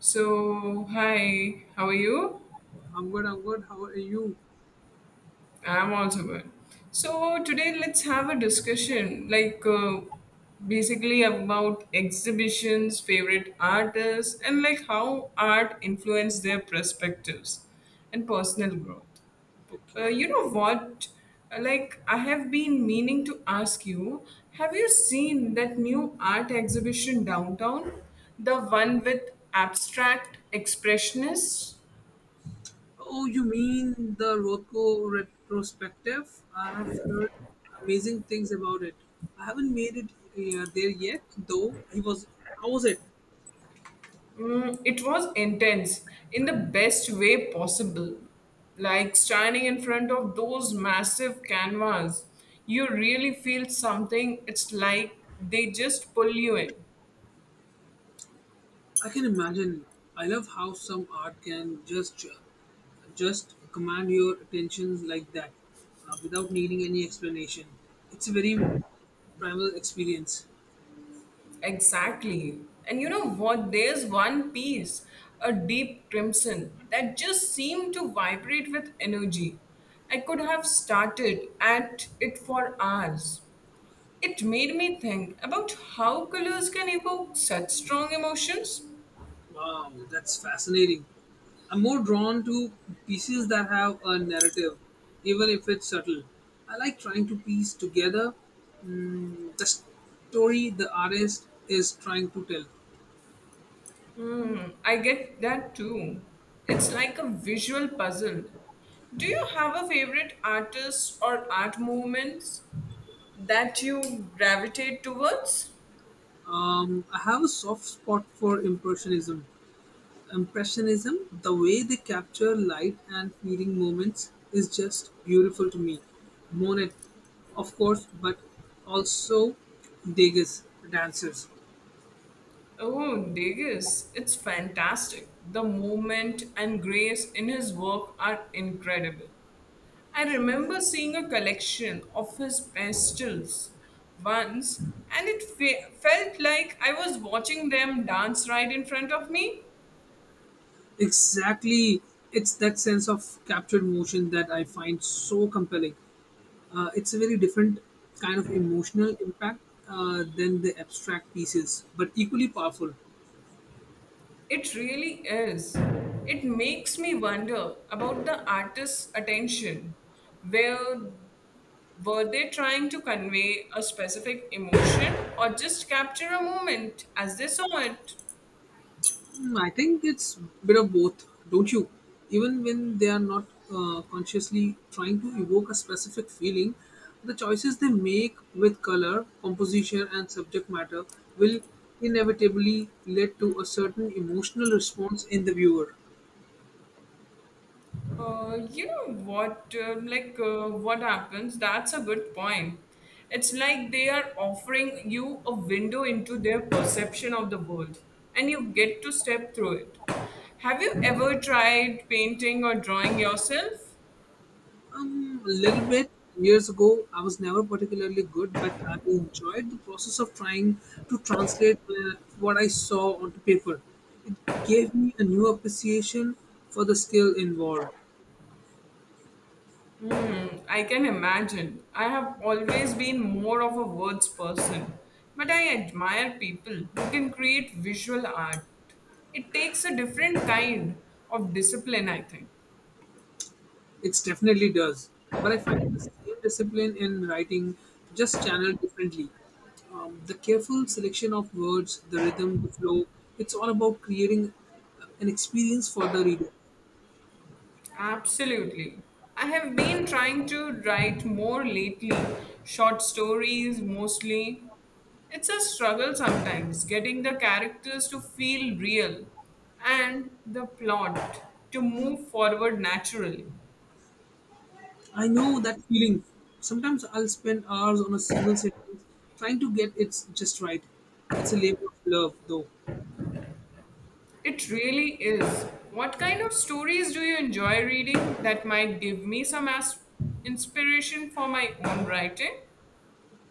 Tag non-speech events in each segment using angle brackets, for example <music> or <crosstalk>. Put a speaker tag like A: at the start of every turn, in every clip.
A: So, hi, how are you?
B: I'm good, I'm good. How are you?
A: I'm also good. So, today let's have a discussion basically about exhibitions, favorite artists, and like how art influenced their perspectives and personal growth.
B: Okay.
A: Uh, you know what? I have been meaning to ask you have you seen that new art exhibition downtown? The one with abstract expressionists?
B: Oh, you mean the Rothko retrospective? I have heard amazing things about it. I haven't made it there yet, though. He was, how was it?
A: It was intense in the best way possible. Like standing in front of those massive canvas, you really feel something. It's like they just pull you in.
B: I can imagine. I love how some art can just command your attention like that, without needing any explanation. It's a very primal experience.
A: Exactly. And you know what? There's one piece, a deep crimson, that just seemed to vibrate with energy. I could have started at it for hours. It made me think about how colors can evoke such strong emotions.
B: Wow, that's fascinating. I'm more drawn to pieces that have a narrative, even if it's subtle. I like trying to piece together the story the artist is trying to tell.
A: I get that too. It's like a visual puzzle. Do you have a favorite artist or art movements that you gravitate towards?
B: I have a soft spot for impressionism. Impressionism, the way they capture light and fleeting moments, is just beautiful to me. Monet, of course, but also Degas dancers.
A: Oh, Degas, it's fantastic. The movement and grace in his work are incredible. I remember seeing a collection of his pastels once, and it felt like I was watching them dance right in front of me.
B: Exactly. It's that sense of captured motion that I find so compelling. It's a very different kind of emotional impact than the abstract pieces, but equally powerful.
A: It really is. It makes me wonder about the artist's attention. Where were they trying to convey a specific emotion or just capture a moment as they saw it?
B: Hmm, I think it's a bit of both, don't you? Even when they are not consciously trying to evoke a specific feeling, the choices they make with color, composition, and subject matter will inevitably lead to a certain emotional response in the viewer.
A: You know what? Like what happens? That's a good point. It's like they are offering you a window into their perception of the world, and you get to step through it. Have you ever tried painting or drawing yourself?
B: A little bit years ago, I was never particularly good, but I enjoyed the process of trying to translate what I saw onto paper. It gave me a new appreciation for the skill involved.
A: I can imagine. I have always been more of a words person, but I admire people who can create visual art. It takes a different kind of discipline, I think.
B: It definitely does. But I find the same discipline in writing just channeled differently. The careful selection of words, the rhythm, the flow, it's all about creating an experience for the reader.
A: Absolutely. I have been trying to write more lately, short stories mostly. It's a struggle sometimes getting the characters to feel real and the plot to move forward naturally.
B: I know that feeling. Sometimes I'll spend hours on a single sentence trying to get it just right. It's a labor of love, though.
A: It really is. What kind of stories do you enjoy reading that might give me inspiration for my own writing?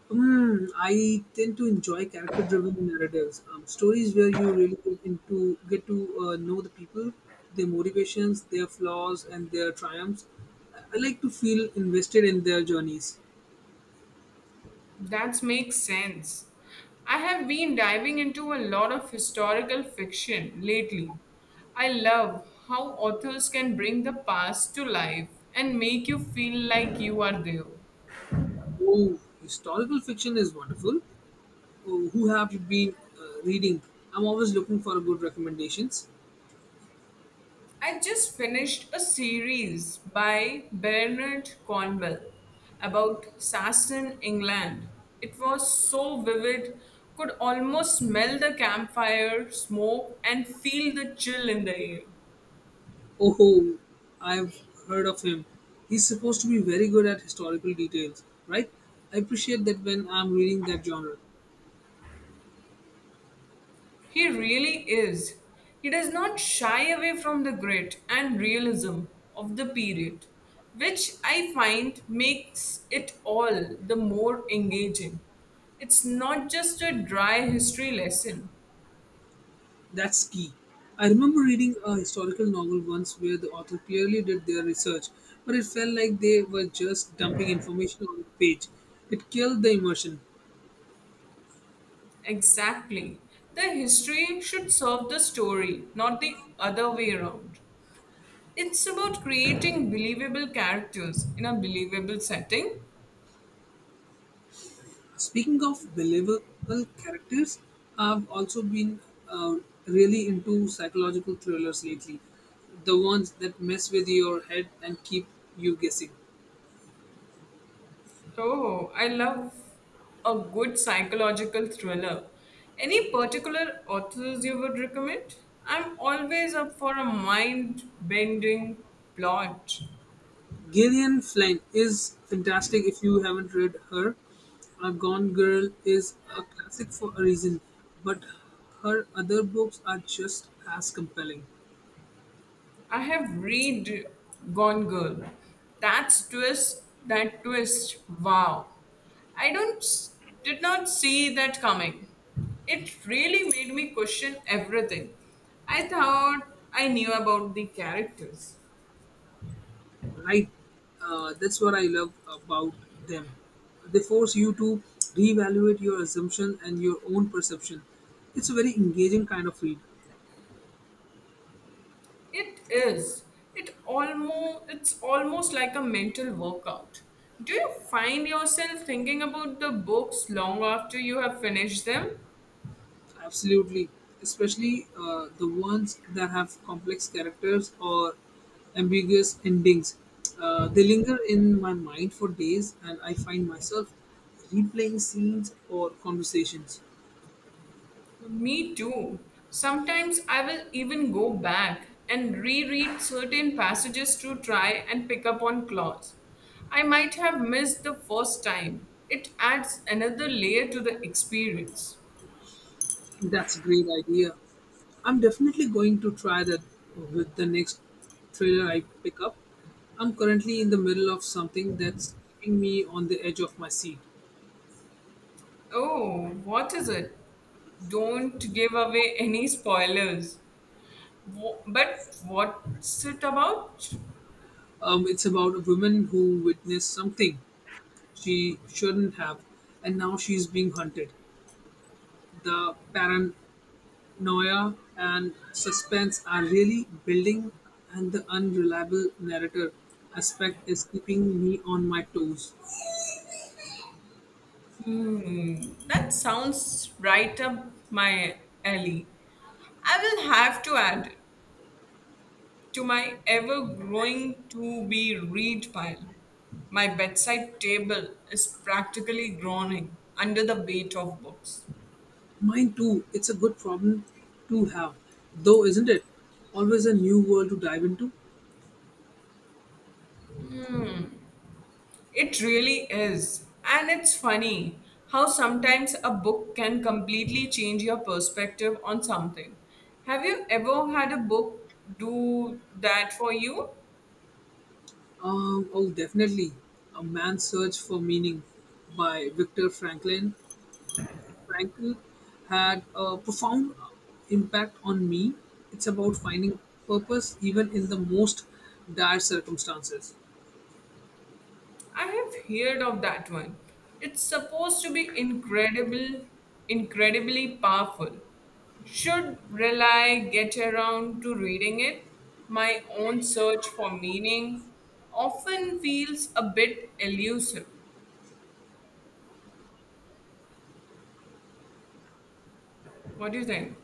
B: Mm, I tend to enjoy character-driven narratives, stories where you really get to know the people, their motivations, their flaws, and their triumphs. I like to feel invested in their journeys.
A: That makes sense. I have been diving into a lot of historical fiction lately. I love how authors can bring the past to life and make you feel like you are there.
B: Oh, historical fiction is wonderful. Oh, who have you been reading? I'm always looking for good recommendations.
A: I just finished a series by Bernard Cornwell about Saxon England. It was so vivid, could almost smell the campfire smoke and feel the chill in the air.
B: Oh, I've heard of him. He's supposed to be very good at historical details, right? I appreciate that when I'm reading that genre.
A: He really is. He does not shy away from the grit and realism of the period, which I find makes it all the more engaging. It's not just a dry history lesson.
B: That's key. I remember reading a historical novel once where the author clearly did their research, but it felt like they were just dumping information on the page. It killed the immersion.
A: Exactly. The history should serve the story, not the other way around. It's about creating believable characters in a believable setting.
B: Speaking of believable characters, I've also been uh, really into psychological thrillers lately, the ones that mess with your head and keep you guessing.
A: Oh, I love a good psychological thriller. Any particular authors you would recommend? I'm always up for a mind bending plot.
B: Gillian Flynn is fantastic if you haven't read her. A Gone Girl is a classic for a reason, but her other books are just as compelling.
A: I have read Gone Girl. That twist. Wow. I don't s- Did not see that coming. It really made me question everything. I thought I knew about the characters.
B: Right, that's what I love about them. They force you to reevaluate your assumption and your own perception. It's a very engaging kind of read.
A: It is. It's almost like a mental workout. Do you find yourself thinking about the books long after you have finished them?
B: Absolutely, especially the ones that have complex characters or ambiguous endings. They linger in my mind for days, and I find myself replaying scenes or conversations.
A: Me too. Sometimes I will even go back and reread certain passages to try and pick up on clause I might have missed the first time. It adds another layer to the experience.
B: That's a great idea. I'm definitely going to try that with the next thriller I pick up. I'm currently in the middle of something that's keeping me on the edge of my seat.
A: Oh, what is it? Don't give away any spoilers. But what's it about?
B: It's about a woman who witnessed something she shouldn't have, and now she's being hunted. The paranoia and suspense are really building, and the unreliable narrator aspect is keeping me on my toes.
A: Hmm, that sounds right up my alley. I will have to add it. To my ever growing to be read pile. My bedside table is practically groaning under the weight of books.
B: Mine too. It's a good problem to have, though, isn't it? Always a new world to dive into.
A: It really is. And it's funny how sometimes a book can completely change your perspective on something. Have you ever had a book do that for you?
B: Oh, definitely. A Man's Search for Meaning by Viktor Franklin. Frankl had a profound impact on me. It's about finding purpose even in the most dire circumstances.
A: I have heard of that one. It's supposed to be incredible, incredibly powerful. Should rely get around to reading it. My own search for meaning often feels a bit elusive. What do you think?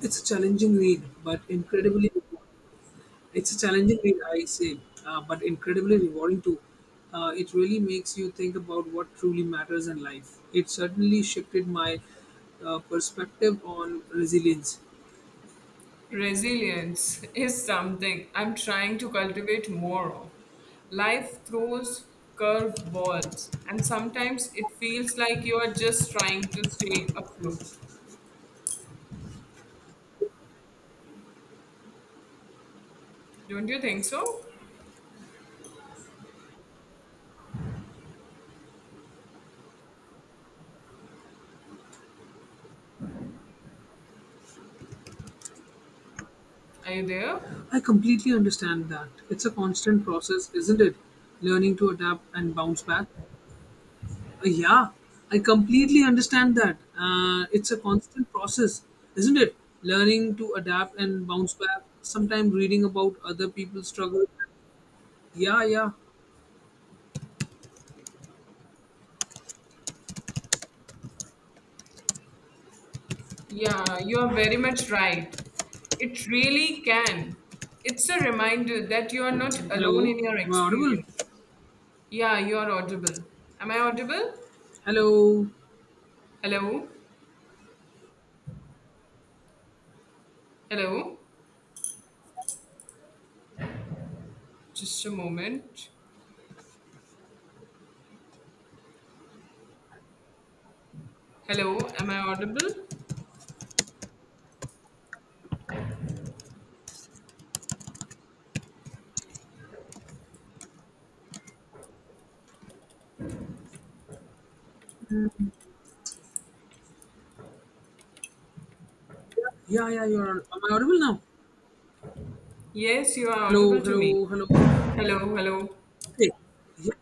B: It's a challenging read, but incredibly important. It's a challenging read, I say, but incredibly rewarding too. It really makes you think about what truly matters in life. It certainly shifted my perspective on resilience.
A: Resilience <laughs> is something I'm trying to cultivate more of. Life throws curveballs, and sometimes it feels like you are just trying to stay afloat. Don't you think so? Are you there?
B: I completely understand that. It's a constant process, isn't it? Learning to adapt and bounce back. Yeah, I completely understand that. It's a constant process, isn't it? Learning to adapt and bounce back. Sometimes reading about other people's struggles. Yeah, yeah.
A: Yeah, you are very much right. It really can. It's a reminder that you are not alone
B: Hello,
A: in your
B: am I audible?
A: experience. Yeah, you are audible. Am I audible?
B: Hello.
A: Hello? Hello? Just a moment. Hello? Am I audible?
B: Yeah, yeah, you're. Am I audible now?
A: Yes, you are
B: Hello,
A: audible to me.
B: hello, hello.
A: Hello? Hello?
B: Okay. Yeah,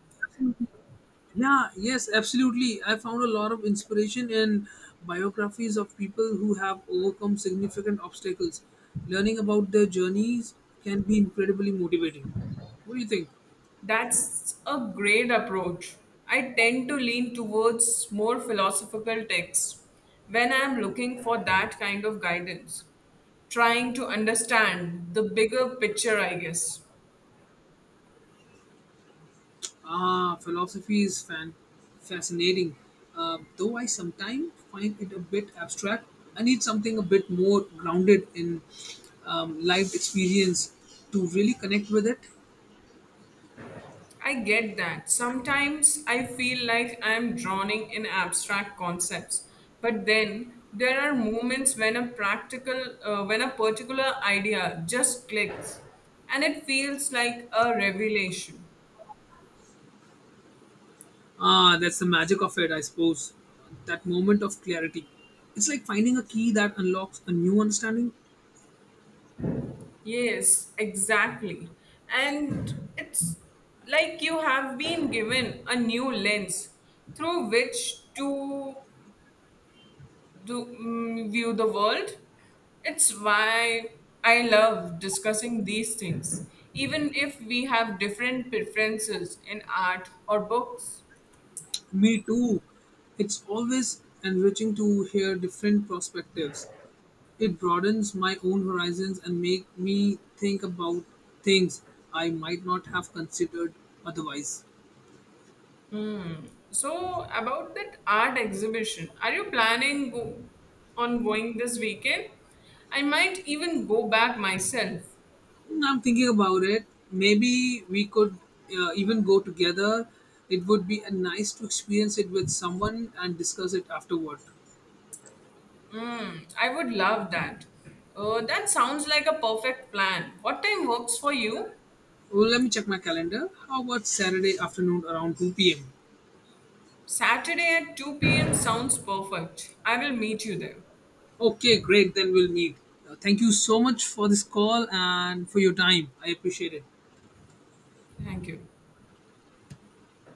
B: yeah, yes, absolutely. I found a lot of inspiration in biographies of people who have overcome significant obstacles. Learning about their journeys can be incredibly motivating. What do you think?
A: That's a great approach. I tend to lean towards more philosophical texts when I am looking for that kind of guidance, trying to understand the bigger picture, I guess.
B: Ah, fascinating, though I sometimes find it a bit abstract. I need something a bit more grounded in life experience to really connect with it.
A: I get that. Sometimes I feel like I am drowning in abstract concepts, but then there are moments when a practical, when a particular idea just clicks and it feels like a revelation.
B: Ah, that's the magic of it, I suppose. That moment of clarity. It's like finding a key that unlocks a new understanding.
A: Yes, exactly. And it's like you have been given a new lens through which to view the world. It's why I love discussing these things, even if we have different preferences in art or books.
B: Me too. It's always enriching to hear different perspectives. It broadens my own horizons and make me think about things I might not have considered otherwise.
A: So, about that art exhibition, are you planning on going this weekend? I might even go back myself.
B: Mm, I'm thinking about it. Maybe we could even go together. It would be nice to experience it with someone and discuss it afterward.
A: I would love that. That sounds like a perfect plan. What time works for you?
B: Well, let me check my calendar. How about Saturday afternoon around 2 p.m.?
A: Saturday at 2 p.m. sounds perfect. I will meet you there.
B: Okay, great. Then we'll meet. Thank you so much for this call and for your time. I appreciate it.
A: Thank you.